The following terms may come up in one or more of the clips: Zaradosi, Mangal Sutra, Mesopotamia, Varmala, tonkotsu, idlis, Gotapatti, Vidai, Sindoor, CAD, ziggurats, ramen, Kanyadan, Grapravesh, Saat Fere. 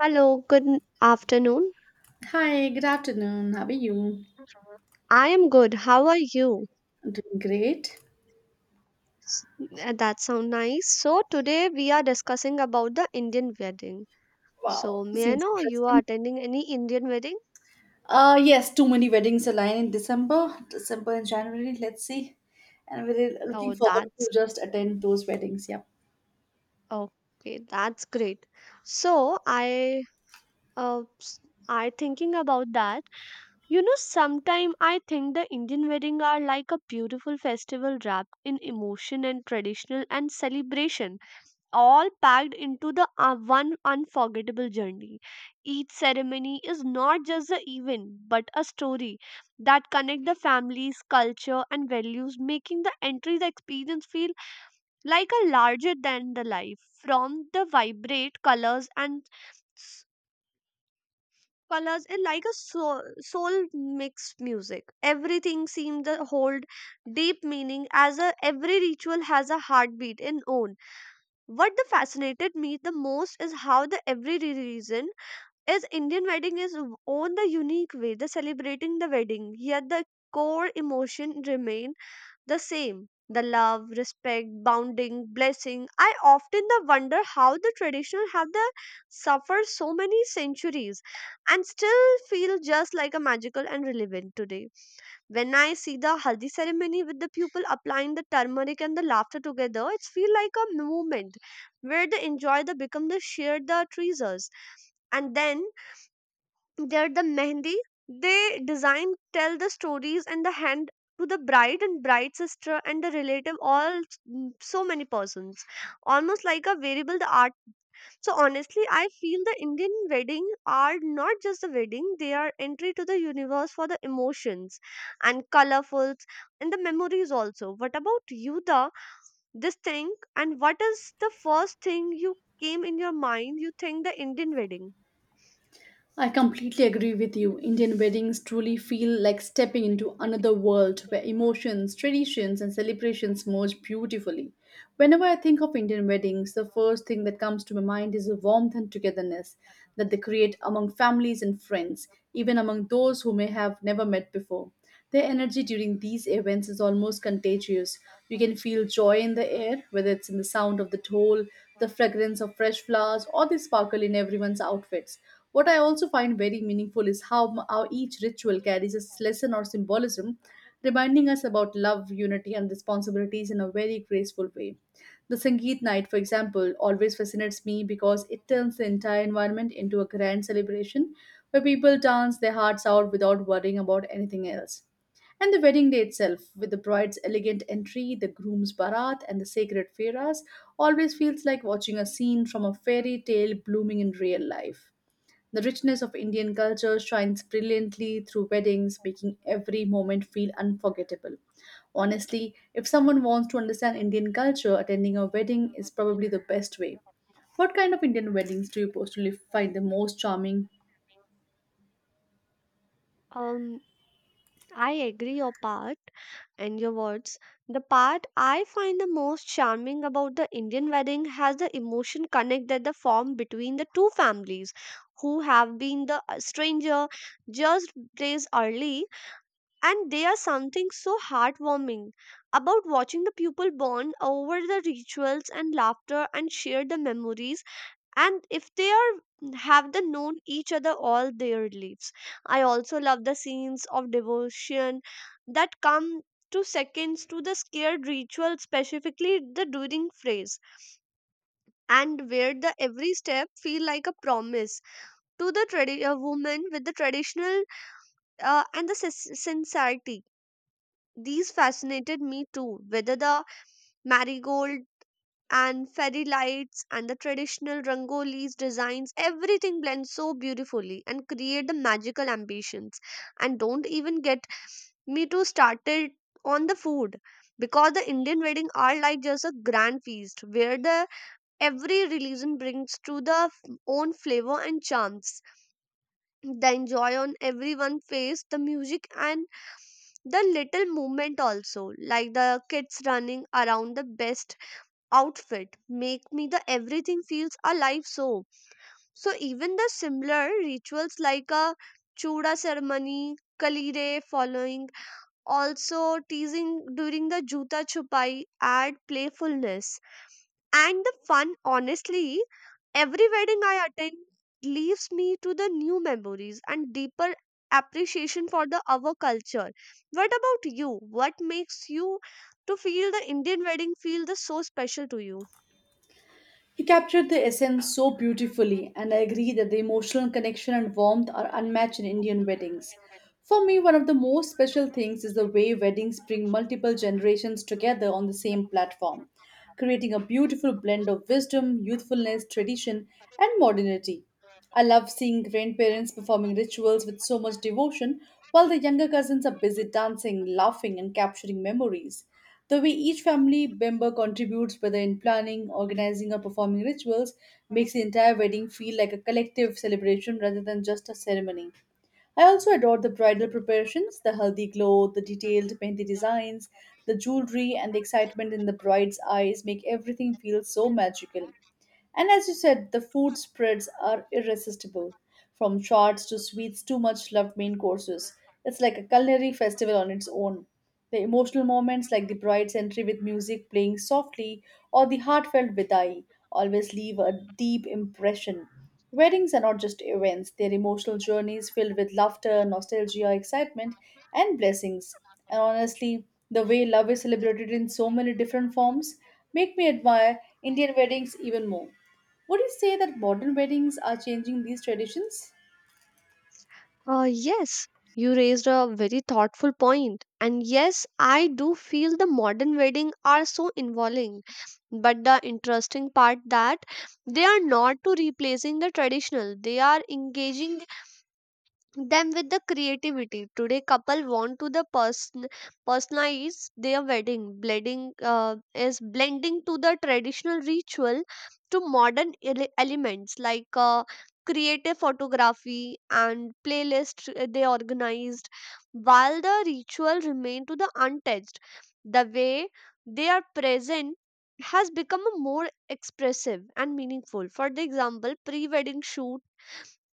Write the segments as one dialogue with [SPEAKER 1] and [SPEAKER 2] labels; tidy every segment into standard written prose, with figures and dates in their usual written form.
[SPEAKER 1] Hello, good afternoon.
[SPEAKER 2] Hi, good afternoon. How are you?
[SPEAKER 1] I am good. How are you?
[SPEAKER 2] I'm doing great.
[SPEAKER 1] S- That sounds nice. So today we are discussing about the Indian wedding. So
[SPEAKER 2] Wow,
[SPEAKER 1] may I
[SPEAKER 2] seems
[SPEAKER 1] know you are
[SPEAKER 2] interesting.
[SPEAKER 1] attending any Indian wedding?
[SPEAKER 2] Yes, too many weddings align in December, December and January. Let's see. And we're looking
[SPEAKER 1] Oh,
[SPEAKER 2] forward to
[SPEAKER 1] that's
[SPEAKER 2] just attend those weddings. Yeah.
[SPEAKER 1] okay. That's great. So I uh s- I thinking about that. Sometime I think the Indian wedding are like a beautiful festival wrapped in emotion and traditional and celebration. All packed into the one unforgettable journey. Each ceremony is not just an event but a story that connect the families, culture and values, making the entry the experience feel like a larger than the life from the vibrate colors and s- colors and like a soul mixed music. Everything seems to hold deep meaning, every ritual has a heartbeat in own. What the fascinated me the most is how the every reason is Indian wedding is own the unique way. The celebrating the wedding, yet the core emotion remain the same, the love respect bounding blessing. I often the wonder how the traditional have the suffered so many centuries and still feel just like a magical and relevant today. When I see the haldi ceremony with the people applying the turmeric and the laughter together, it's feel like a moment where the enjoy the become the share the treasures. And then they're the mehndi. They design, tell the stories, and the hand to the bride and bride sister and the relative. All, so many persons, almost like a variable. The art. So honestly, I feel the Indian wedding are not just a wedding; they are entry to the universe for the emotions, and colorful, and the memories also. What about you, the this thing? And what is the first thing you came in your mind? You think the Indian wedding?
[SPEAKER 2] I completely agree with you. Indian weddings truly feel like stepping into another world where emotions, traditions, and celebrations merge beautifully. Whenever I think of Indian weddings, the first thing that comes to my mind is the warmth and togetherness that they create among families and friends, even among those who may have never met before. Their energy during these events is almost contagious. You can feel joy in the air, whether it's in the sound of the toll, the fragrance of fresh flowers, or the sparkle in everyone's outfits. What I also find very meaningful is how each ritual carries a lesson or symbolism, reminding us about love, unity, and responsibilities in a very graceful way. The Sangeet night, for example, always fascinates me because it turns the entire environment into a grand celebration where people dance their hearts out without worrying about anything else. And the wedding day itself, with the bride's elegant entry, the groom's barat, and the sacred feras, always feels like watching a scene from a fairy tale blooming in real life. The richness of Indian culture shines brilliantly through weddings, making every moment feel unforgettable. Honestly, if someone wants to understand Indian culture, attending a wedding is probably the best way. What kind of Indian weddings do you personally find the most charming?
[SPEAKER 1] Um, I agree your part and your words. The part I find the most charming about the Indian wedding has the emotion connect that the form between the two families who have been the stranger just days early, and they are something so heartwarming about watching the people bond over the rituals and laughter and share the memories, and if they are have the known each other all their lives. I also love the scenes of devotion that come to seconds to the scared ritual, specifically the during phrase, and where the every step feel like a promise to the a woman with the traditional, and the sincerity. These fascinated me too, whether the marigold and fairy lights and the traditional rangolis designs, everything blends so beautifully and create the magical ambitions. And don't even get me to started on the food, because the indian wedding are like just a grand feast where the every religion brings to the own flavor and charms, the enjoy on everyone's face, the music and the little movement also, like the kids running around the best outfit, make me the everything feels alive. So even the similar rituals like a chuda ceremony, kalire following, also teasing during the Juta Chupai add playfulness and the fun. Honestly, every wedding I attend leaves me to the new memories and deeper appreciation for the our culture. What about you? What makes you to feel the Indian wedding feel the so special to you?
[SPEAKER 2] He captured the essence so beautifully, and I agree that the emotional connection and warmth are unmatched in Indian weddings. For me, one of the most special things is the way weddings bring multiple generations together on the same platform, creating a beautiful blend of wisdom, youthfulness, tradition, and modernity. I love seeing grandparents performing rituals with so much devotion while the younger cousins are busy dancing, laughing, and capturing memories. The way each family member contributes, whether in planning, organizing, or performing rituals, makes the entire wedding feel like a collective celebration rather than just a ceremony. I also adore the bridal preparations, the healthy glow, the detailed mehndi designs, the jewelry, and the excitement in the bride's eyes make everything feel so magical. And as you said, the food spreads are irresistible. From charts to sweets to much loved main courses, it's like a culinary festival on its own. The emotional moments, like the bride's entry with music playing softly or the heartfelt vidai, always leave a deep impression. Weddings are not just events, they're emotional journeys filled with laughter, nostalgia, excitement, and blessings. And honestly, the way love is celebrated in so many different forms make me admire Indian weddings even more. Would you say that modern weddings are changing these traditions?
[SPEAKER 1] Yes, you raised a very thoughtful point, and yes, I do feel the modern wedding are so involving, but the interesting part that they are not to replacing the traditional, they are engaging them with the creativity. Today couple want to the personalize their wedding, blending is blending to the traditional ritual to modern elements like creative photography and playlist, they organized while the ritual remain to the untouched. The way they are present has become a more expressive and meaningful. For the example, pre-wedding shoot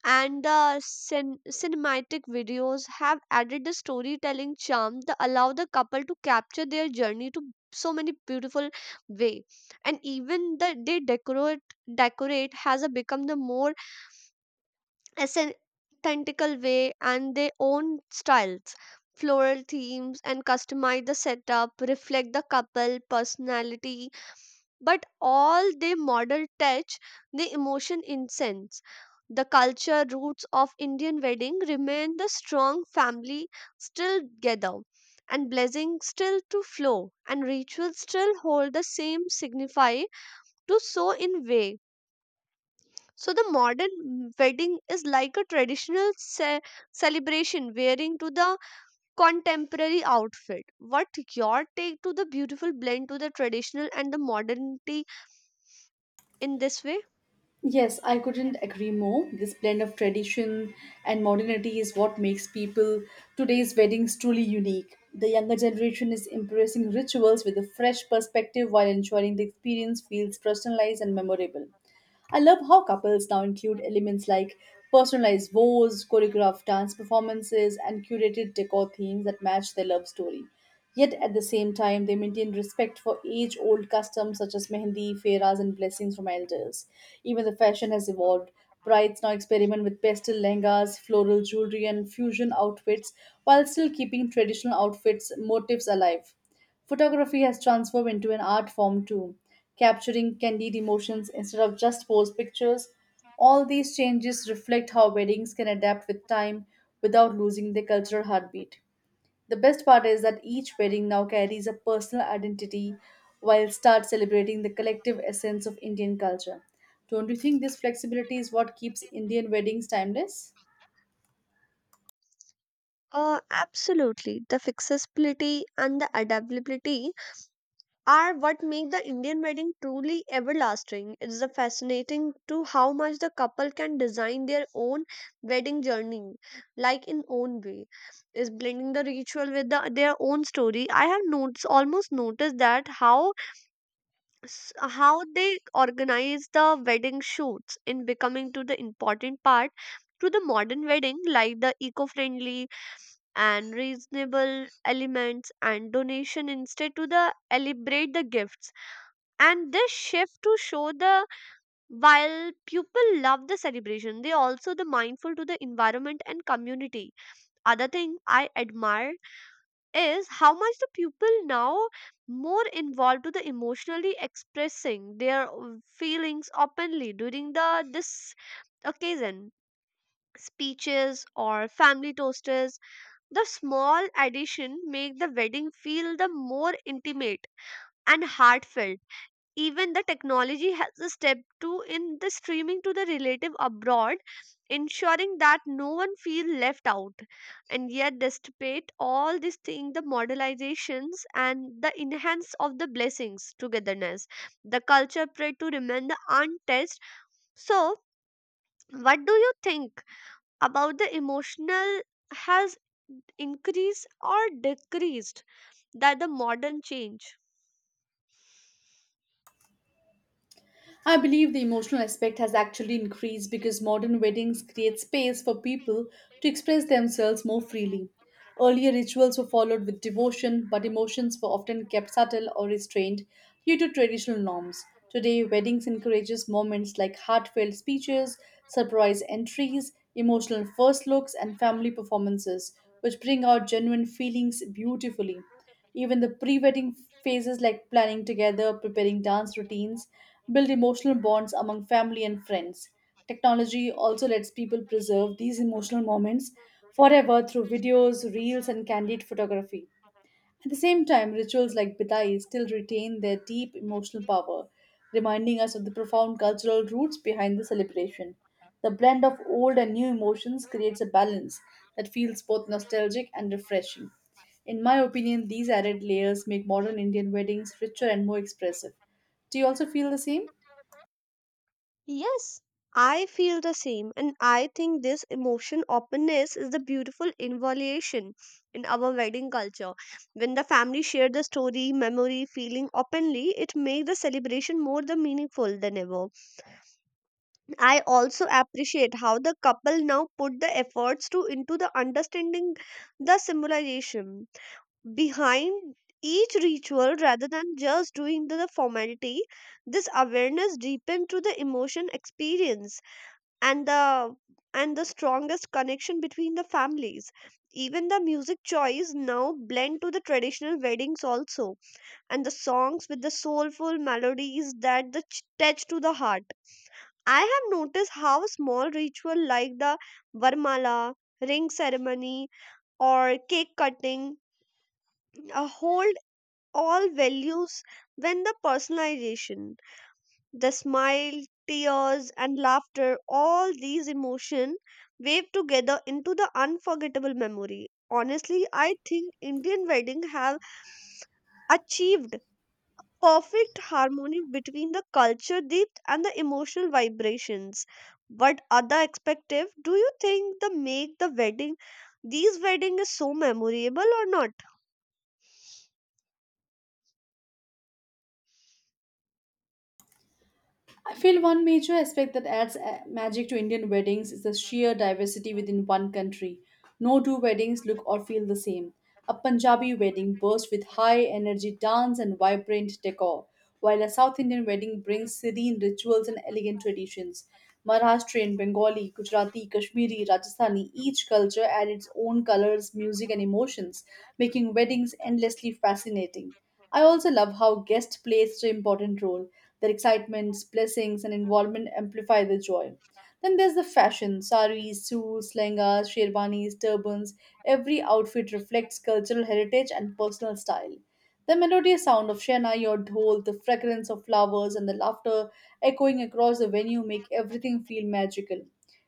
[SPEAKER 1] and the cinematic videos have added the storytelling charm that allow the couple to capture their journey to so many beautiful way. And even the they decorate has a become the more authentical way and their own styles. Floral themes and customize the setup, reflect the couple personality, but all they model touch the emotion incense. The culture roots of Indian wedding remain the strong, family still together, and blessings still to flow, and rituals still hold the same signify to sow in way. So the modern wedding is like a traditional celebration wearing to the contemporary outfit. What your take to the beautiful blend to the traditional and the modernity in this way?
[SPEAKER 2] Yes, I couldn't agree more. This blend of tradition and modernity is what makes people today's weddings truly unique. The younger generation is embracing rituals with a fresh perspective while ensuring the experience feels personalized and memorable. I love how couples now include elements like personalized vows, choreographed dance performances, and curated decor themes that match their love story. Yet at the same time, they maintain respect for age old customs such as mehendi, fairas, and blessings from elders. Even the fashion has evolved. Brides now experiment with pastel lehengas, floral jewelry, and fusion outfits while still keeping traditional outfits motifs alive. Photography has transformed into an art form too, capturing candid emotions instead of just posed pictures. All these changes reflect how weddings can adapt with time without losing their cultural heartbeat. The best part is that each wedding now carries a personal identity while start celebrating the collective essence of Indian culture. Don't you think this flexibility is what keeps Indian weddings timeless?
[SPEAKER 1] Absolutely. The flexibility and the adaptability are what make the Indian wedding truly everlasting. It's a fascinating to how much the couple can design their own wedding journey, like in own way, is blending the ritual with their own story. I have notes almost noticed that how how they organize the wedding shoots in becoming to the important part to the modern wedding, like the eco-friendly and reasonable elements and donation instead to the elaborate the gifts. And this shift to show the while people love the celebration, they also the mindful to the environment and community. Other thing I admire is how much the people now more involved to the emotionally expressing their feelings openly during the this occasion, speeches or family toasters, the small addition make the wedding feel the more intimate and heartfelt. Even the technology has a step too in the streaming to the relative abroad, ensuring that no one feels left out. And yet despite all these things, the modernizations and the enhance of the blessings togetherness, the culture pray to remain the untouched. So what do you think about the emotional has increased or decreased that the modern change?
[SPEAKER 2] I believe the emotional aspect has actually increased because modern weddings create space for people to express themselves more freely. Earlier rituals were followed with devotion, but emotions were often kept subtle or restrained due to traditional norms. Today, weddings encourages moments like heartfelt speeches, surprise entries, emotional first looks, and family performances, which bring out genuine feelings beautifully. Even the pre wedding phases, like planning together, preparing dance routines, build emotional bonds among family and friends. Technology also lets people preserve these emotional moments forever through videos, reels, and candid photography. At the same time, rituals like Bidai still retain their deep emotional power, reminding us of the profound cultural roots behind the celebration. The blend of old and new emotions creates a balance that feels both nostalgic and refreshing. In my opinion, these added layers make modern Indian weddings richer and more expressive. Do you also feel the same?
[SPEAKER 1] Yes, I feel the same, and I think this emotion openness is the beautiful involution in our wedding culture. When the family share the story, memory, feeling openly, it makes the celebration more the meaningful than ever. I also appreciate how the couple now put the efforts to into the understanding the symbolization behind each ritual rather than just doing the formality. This awareness deepens to the emotion experience and the and the strongest connection between the families. Even the music choice now blend to the traditional weddings also, and the songs with the soulful melodies that the touch to the heart. I have noticed how small ritual like the varmala ring ceremony or cake cutting hold all values when the personalization, the smile, tears, and laughter, all these emotions wave together into the unforgettable memory. Honestly, I think Indian wedding have achieved perfect harmony between the culture depth and the emotional vibrations. What other perspective do you think the make the wedding these wedding is so memorable or not?
[SPEAKER 2] I feel one major aspect that adds magic to Indian weddings is the sheer diversity within one country. No two weddings look or feel the same. A Punjabi wedding bursts with high energy dance and vibrant decor, while a South Indian wedding brings serene rituals and elegant traditions. Maharashtrian, Bengali, Gujarati, Kashmiri, Rajasthani, each culture adds its own colors, music, and emotions, making weddings endlessly fascinating. I also love how guests play such an important role their excitements, blessings, and involvement amplify the joy. Then there's the fashion saris, suits, lehengas, sherwanis, turbans. Every outfit reflects cultural heritage and personal style. The melodious sound of Shenai or Dhol, the fragrance of flowers, and the laughter echoing across the venue make everything feel magical.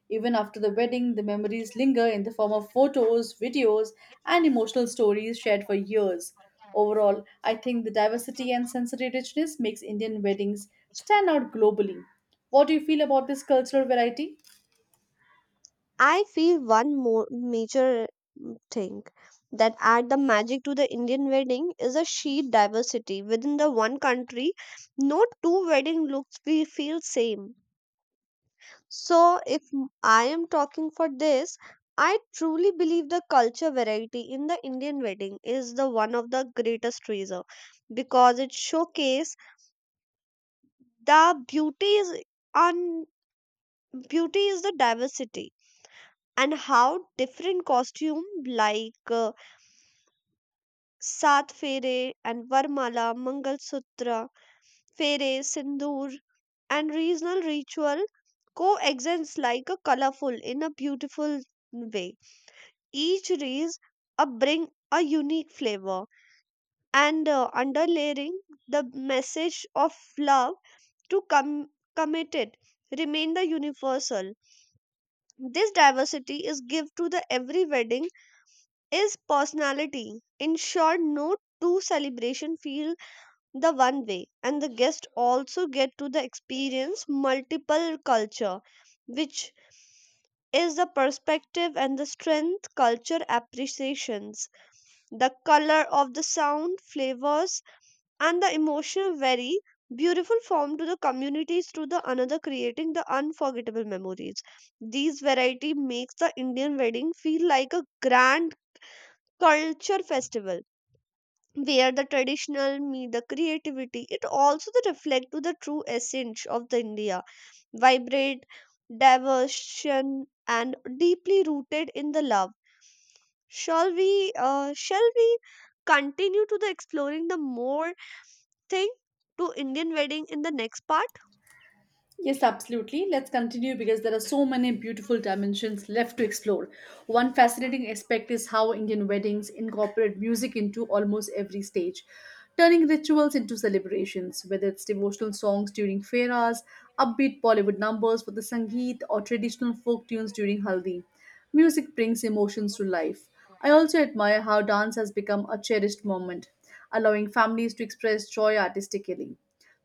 [SPEAKER 2] Even after the wedding, the memories linger in the form of photos, videos, and emotional stories shared for years. Overall, I think the diversity and sensory richness makes Indian weddings stand out globally. What do you feel about this cultural variety?
[SPEAKER 1] I feel one more major thing that add the magic to the Indian wedding is a sheer diversity within the one country. No two wedding looks we feel same. So if I am talking for this, I truly believe the culture variety in the Indian wedding is the one of the greatest treasure, because it showcase the beauty is on, beauty is the diversity and how different costume like uh, Saat Fere and Varmala Mangal Sutra, Fere, Sindoor, and regional ritual coexist like a colorful in a beautiful way. Each race a bring a unique flavor and, underlaying the message of love to committed remain the universal. This diversity is give to the every wedding is personality. In short, no two celebration feels the one way, and the guests also get to the experience multiple culture, which is the perspective and the strength culture appreciations, the color of the sound flavors and the emotional very beautiful form to the communities through the another creating the unforgettable memories. These variety makes the Indian wedding feel like a grand culture festival where the traditional meet the creativity. It also the reflect to the true essence of the India, vibrant, diversion, and deeply rooted in the love. Shall we continue to the exploring the more thing to Indian wedding in the next part?
[SPEAKER 2] Yes, absolutely. Let's continue because there are so many beautiful dimensions left to explore. One fascinating aspect is how Indian weddings incorporate music into almost every stage, turning rituals into celebrations, whether it's devotional songs during fairas, upbeat Bollywood numbers for the Sangeet, or traditional folk tunes during Haldi. Music brings emotions to life. I also admire how dance has become a cherished moment, allowing families to express joy artistically.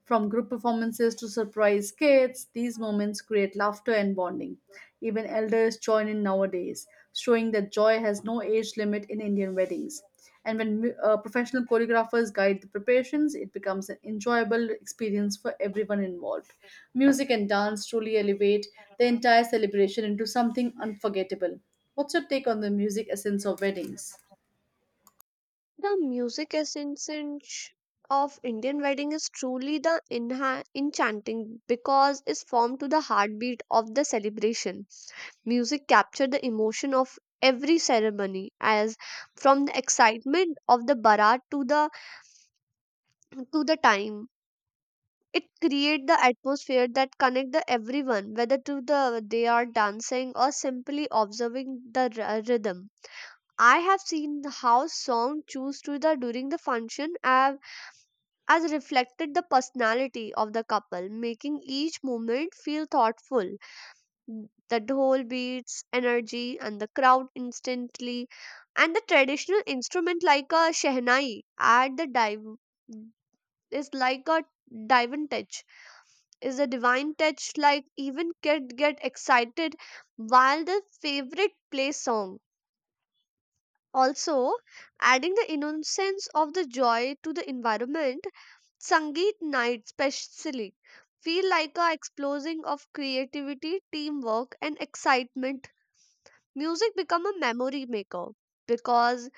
[SPEAKER 2] From group performances to surprise skits, these moments create laughter and bonding. Even elders join in nowadays, showing that joy has no age limit in Indian weddings. And when professional choreographers guide the preparations, it becomes an enjoyable experience for everyone involved. Music and dance truly elevate the entire celebration into something unforgettable. What's your take on the music essence of weddings?
[SPEAKER 1] The music essence of Indian wedding is truly the enchanting because it's formed to the heartbeat of the celebration. Music captured the emotion of every ceremony, as from the excitement of the barat to the time. It create the atmosphere that connect the everyone, whether to the they are dancing or simply observing the rhythm. I have seen how song choose to the during the function have as reflected the personality of the couple, making each moment feel thoughtful. The dhol beats energy and the crowd instantly, and the traditional instrument like a shehnai add the dive is like a divine touch, is a divine touch. Like even kid get excited while the favorite play song, also adding the innocence of the joy to the environment. Sangeet night specially feel like a explosion of creativity, teamwork, and excitement. Music become a memory maker because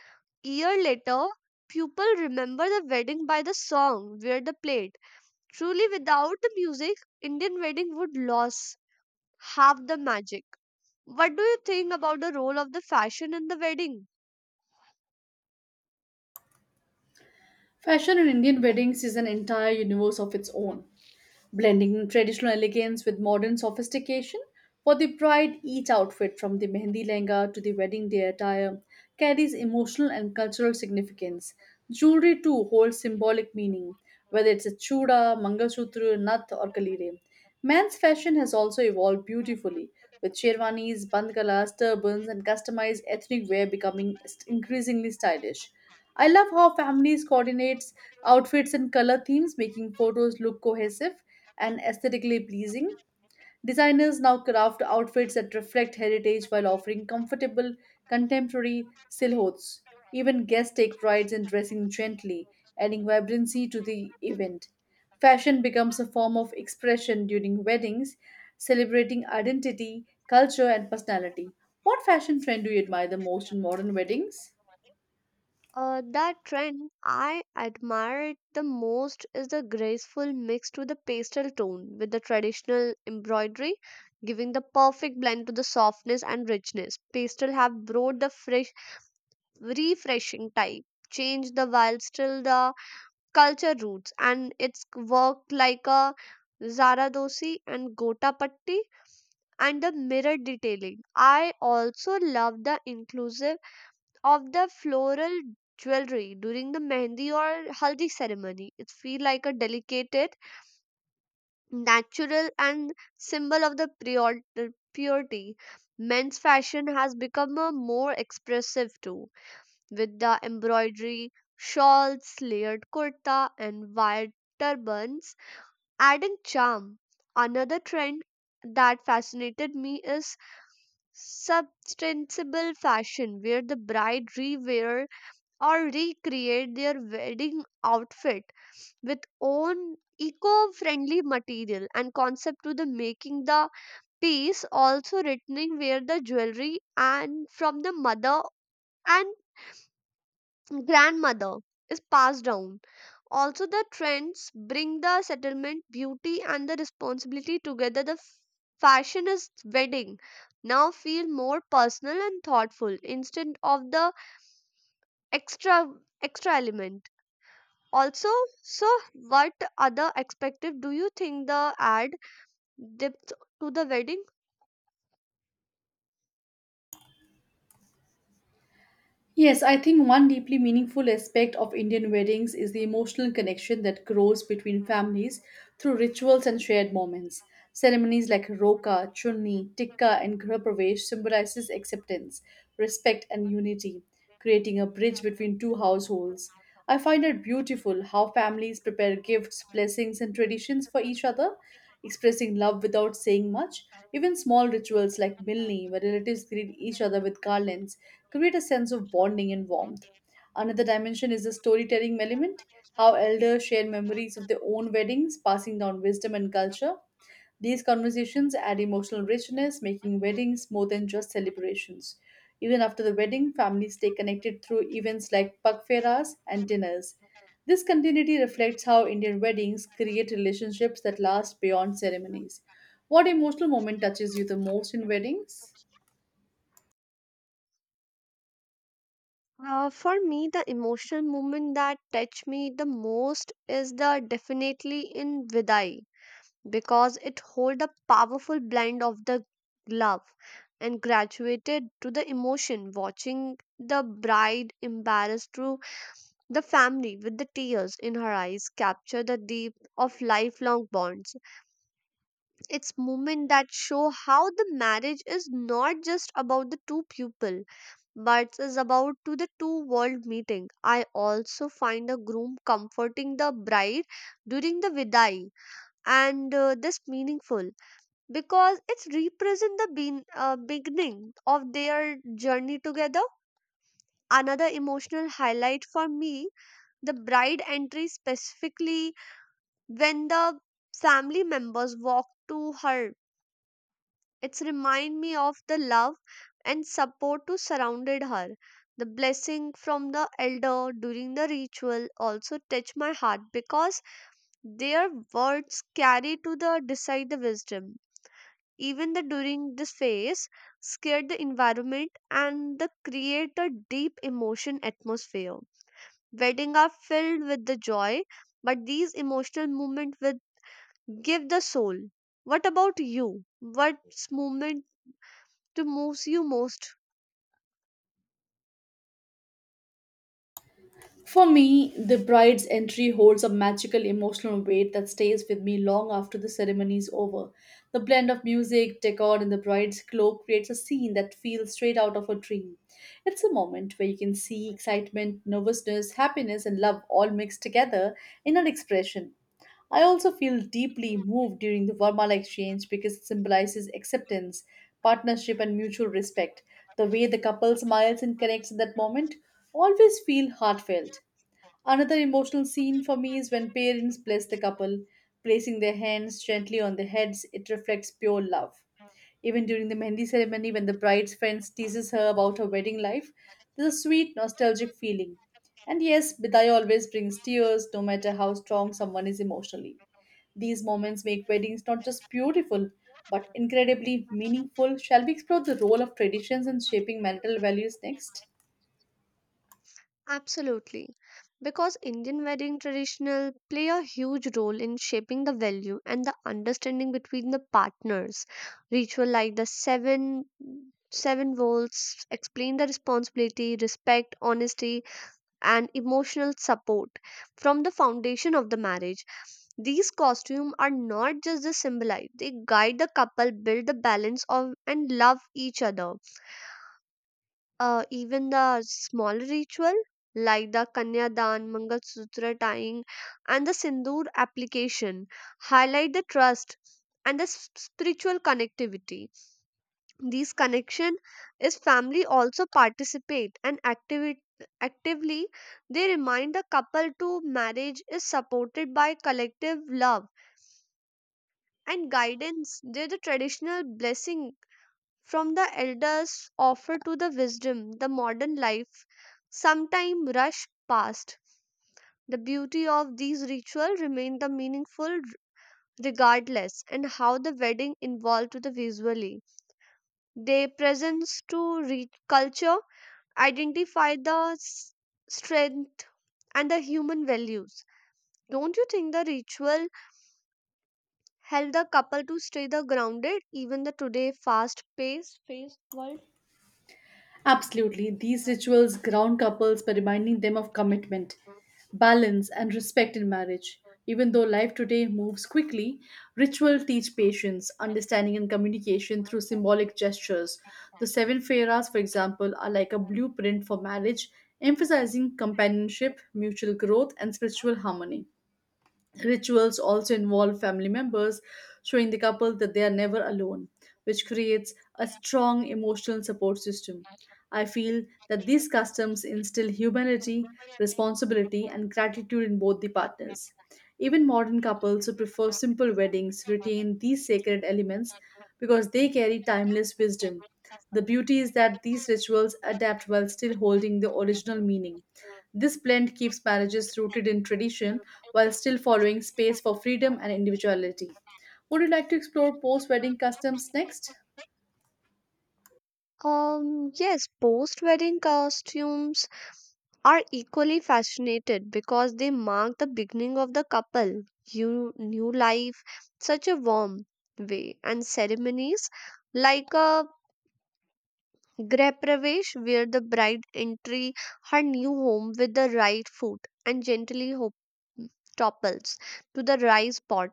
[SPEAKER 1] year later, people remember the wedding by the song where they played. Truly, without the music, Indian wedding would lose half the magic. What do you think about the role of the fashion in the wedding?
[SPEAKER 2] Fashion in Indian weddings is an entire universe of its own, blending traditional elegance with modern sophistication. For the bride, each outfit, from the mehendi lehenga to the wedding day attire, carries emotional and cultural significance. Jewelry too holds symbolic meaning, whether it's a chuda, mangalsutra, nath, or kalire. Men's fashion has also evolved beautifully, with sherwanis, bandgalas, turbans, and customized ethnic wear becoming increasingly stylish. I love how families coordinates outfits and color themes, making photos look cohesive and aesthetically pleasing. Designers now craft outfits that reflect heritage while offering comfortable, contemporary silhouettes. Even guests take pride in dressing gently, adding vibrancy to the event. Fashion becomes a form of expression during weddings, celebrating identity, culture, and personality. What fashion trend do you admire the most in modern weddings?
[SPEAKER 1] That trend I admire it the most is the graceful mix to the pastel tone with the traditional embroidery, giving the perfect blend to the softness and richness. Pastel have brought the fresh refreshing type change the while still the culture roots, and it's worked like a Zaradosi and Gotapatti and the mirror detailing. I also love the inclusive of the floral jewelry during the Mehndi or Haldi ceremony. It feel like a delicate, natural and symbol of the purity. Men's fashion has become a more expressive too, with the embroidery, shawls, layered kurta, and wired turbans, adding charm. Another trend that fascinated me is substantial fashion, where the bride rewear or recreate their wedding outfit with own eco-friendly material and concept to the making the piece, also returning where the jewelry and from the mother and grandmother is passed down. Also, the trends bring the settlement, beauty, and the responsibility together. The fashion is wedding now feel more personal and thoughtful instead of the extra extra element. Also, so what other perspective do you think the add depth to the wedding?
[SPEAKER 2] Yes, I think one deeply meaningful aspect of Indian weddings is the emotional connection that grows between families through rituals and shared moments. Ceremonies like roka, chunni, tikka, and ghar pravesh symbolizes acceptance, respect, and unity, creating a bridge between two households. I find it beautiful how families prepare gifts, blessings, and traditions for each other, expressing love without saying much. Even small rituals like Milni, where relatives greet each other with garlands, create a sense of bonding and warmth. Another dimension is the storytelling element, how elders share memories of their own weddings, passing down wisdom and culture. These conversations add emotional richness, making weddings more than just celebrations. Even after the wedding, families stay connected through events like pag fairs and dinners. This continuity reflects how Indian weddings create relationships that last beyond ceremonies. What emotional moment touches you the most in weddings?
[SPEAKER 1] For me, the emotional moment that touched me the most is the definitely in Vidai, because it hold a powerful blend of the love and graduated to the emotion, watching the bride embarrassed through the family with the tears in her eyes, capture the deep of lifelong bonds. It's moment that show how the marriage is not just about the two people, but is about to the two world meeting. I also find the groom comforting the bride during the Vidai, and this meaningful because it's represent the bein beginning of their journey together. Another emotional highlight for me, the bride entry specifically, when the family members walk to her, it's remind me of the love and support to surrounded her. The blessing from the elder during the ritual also touch my heart, because their words carry to the decide the wisdom. Even the during this phase scared the environment and the create a deep emotion atmosphere. Wedding are filled with the joy, but these emotional movement will give the soul. What about you? What's movement to moves you most?
[SPEAKER 2] For me, the bride's entry holds a magical emotional weight that stays with me long after the ceremony is over. The blend of music, decor, and the bride's cloak creates a scene that feels straight out of a dream. It's a moment where you can see excitement, nervousness, happiness, and love all mixed together in an expression. I also feel deeply moved during the Varmala exchange because it symbolizes acceptance, partnership, and mutual respect. The way the couple smiles and connects in that moment always feel heartfelt. Another emotional scene for me is when parents bless the couple, placing their hands gently on their heads. It reflects pure love. Even during the Mehndi ceremony, when the bride's friends teases her about her wedding life, there's a sweet, nostalgic feeling. And yes, Bidai always brings tears, no matter how strong someone is emotionally. These moments make weddings not just beautiful, but incredibly meaningful. Shall we explore the role of traditions in shaping marital values next?
[SPEAKER 1] Absolutely. Because Indian wedding traditional play a huge role in shaping the value and the understanding between the partners. Ritual like the seven volts explain the responsibility, respect, honesty, and emotional support from the foundation of the marriage. These costumes are not just the symbolize, they guide the couple, build the balance of and love each other. Even the smaller ritual like the Kanyadan, Mangalsutra tying, and the Sindoor application highlight the trust and the spiritual connectivity. These connection is family also participate and activate actively they remind the couple to marriage is supported by collective love and guidance. They're the traditional blessing from the elders offer to the wisdom the modern life sometime rush past. The beauty of these rituals remain the meaningful, regardless and how the wedding involved to the visually. They presence to culture identify the strength and the human values. Don't you think the ritual help the couple to stay the grounded even the today fast pace phase?
[SPEAKER 2] Absolutely. These rituals ground couples by reminding them of commitment, balance, and respect in marriage. Even though life today moves quickly, ritual teach patience, understanding, and communication through symbolic gestures. The seven feras, for example, are like a blueprint for marriage, emphasizing companionship, mutual growth, and spiritual harmony. Rituals also involve family members showing the couple that they are never alone, which creates a strong emotional support system. I feel that these customs instill humility, responsibility, and gratitude in both the partners. Even modern couples who prefer simple weddings retain these sacred elements because they carry timeless wisdom. The beauty is that these rituals adapt while still holding the original meaning. This blend keeps marriages rooted in tradition while still following space for freedom and individuality. Would you like to explore post wedding customs next?
[SPEAKER 1] Yes, post wedding costumes are equally fascinated because they mark the beginning of the couple, you new life, such a warm way, and ceremonies like a Grapravesh, where the bride entry her new home with the right foot and gently topples to the rice pot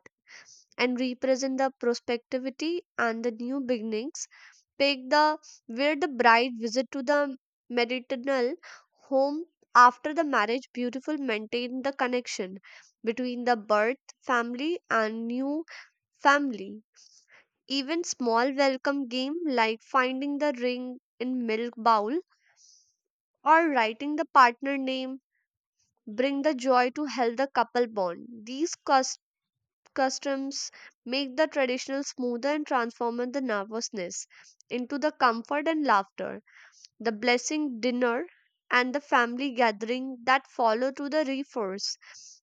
[SPEAKER 1] and represent the prospectivity and the new beginnings. Pick the, where the bride visit to the maternal home after the marriage, beautiful maintain the connection between the birth family and new family. Even small welcome game like finding the ring in milk bowl or writing the partner name bring the joy to help the couple bond. These customs make the traditional smoother and transform the nervousness into the comfort and laughter. The blessing dinner and the family gathering that follow to the reinforce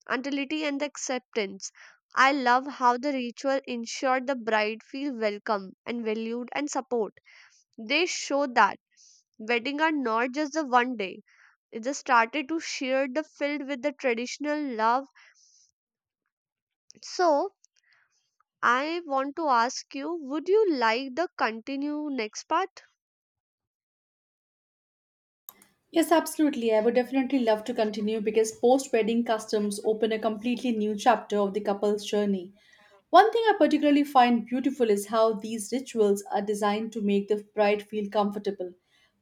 [SPEAKER 1] untility and the acceptance. I love how the ritual ensured the bride feel welcome and valued and support. They show that wedding are not just the one day. It just started to share the filled with the traditional love. So I want to ask you, would you like the continue next part?
[SPEAKER 2] Yes, absolutely. I would definitely love to continue because post wedding customs open a completely new chapter of the couple's journey. One thing I particularly find beautiful is how these rituals are designed to make the bride feel comfortable,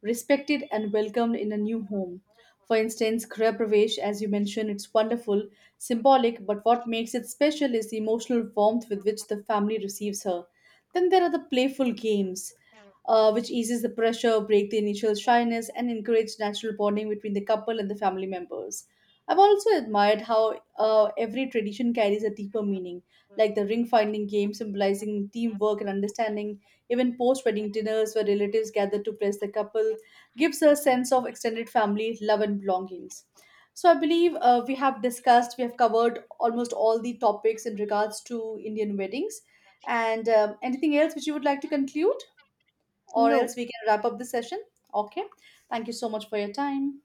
[SPEAKER 2] respected, and welcomed in a new home. For instance, Kriya Pravesh, as you mentioned, it's wonderful, symbolic, but what makes it special is the emotional warmth with which the family receives her. Then there are the playful games, which eases the pressure, break the initial shyness, and encourage natural bonding between the couple and the family members. I've also admired how every tradition carries a deeper meaning, like the ring finding game symbolizing teamwork and understanding. Even post wedding dinners, where relatives gather to bless the couple, gives a sense of extended family love and belongings. So I believe we have covered almost all the topics in regards to Indian weddings. And anything else which you would like to conclude, or else
[SPEAKER 1] No.
[SPEAKER 2] we can wrap up the session? Okay. Thank you so much for your time.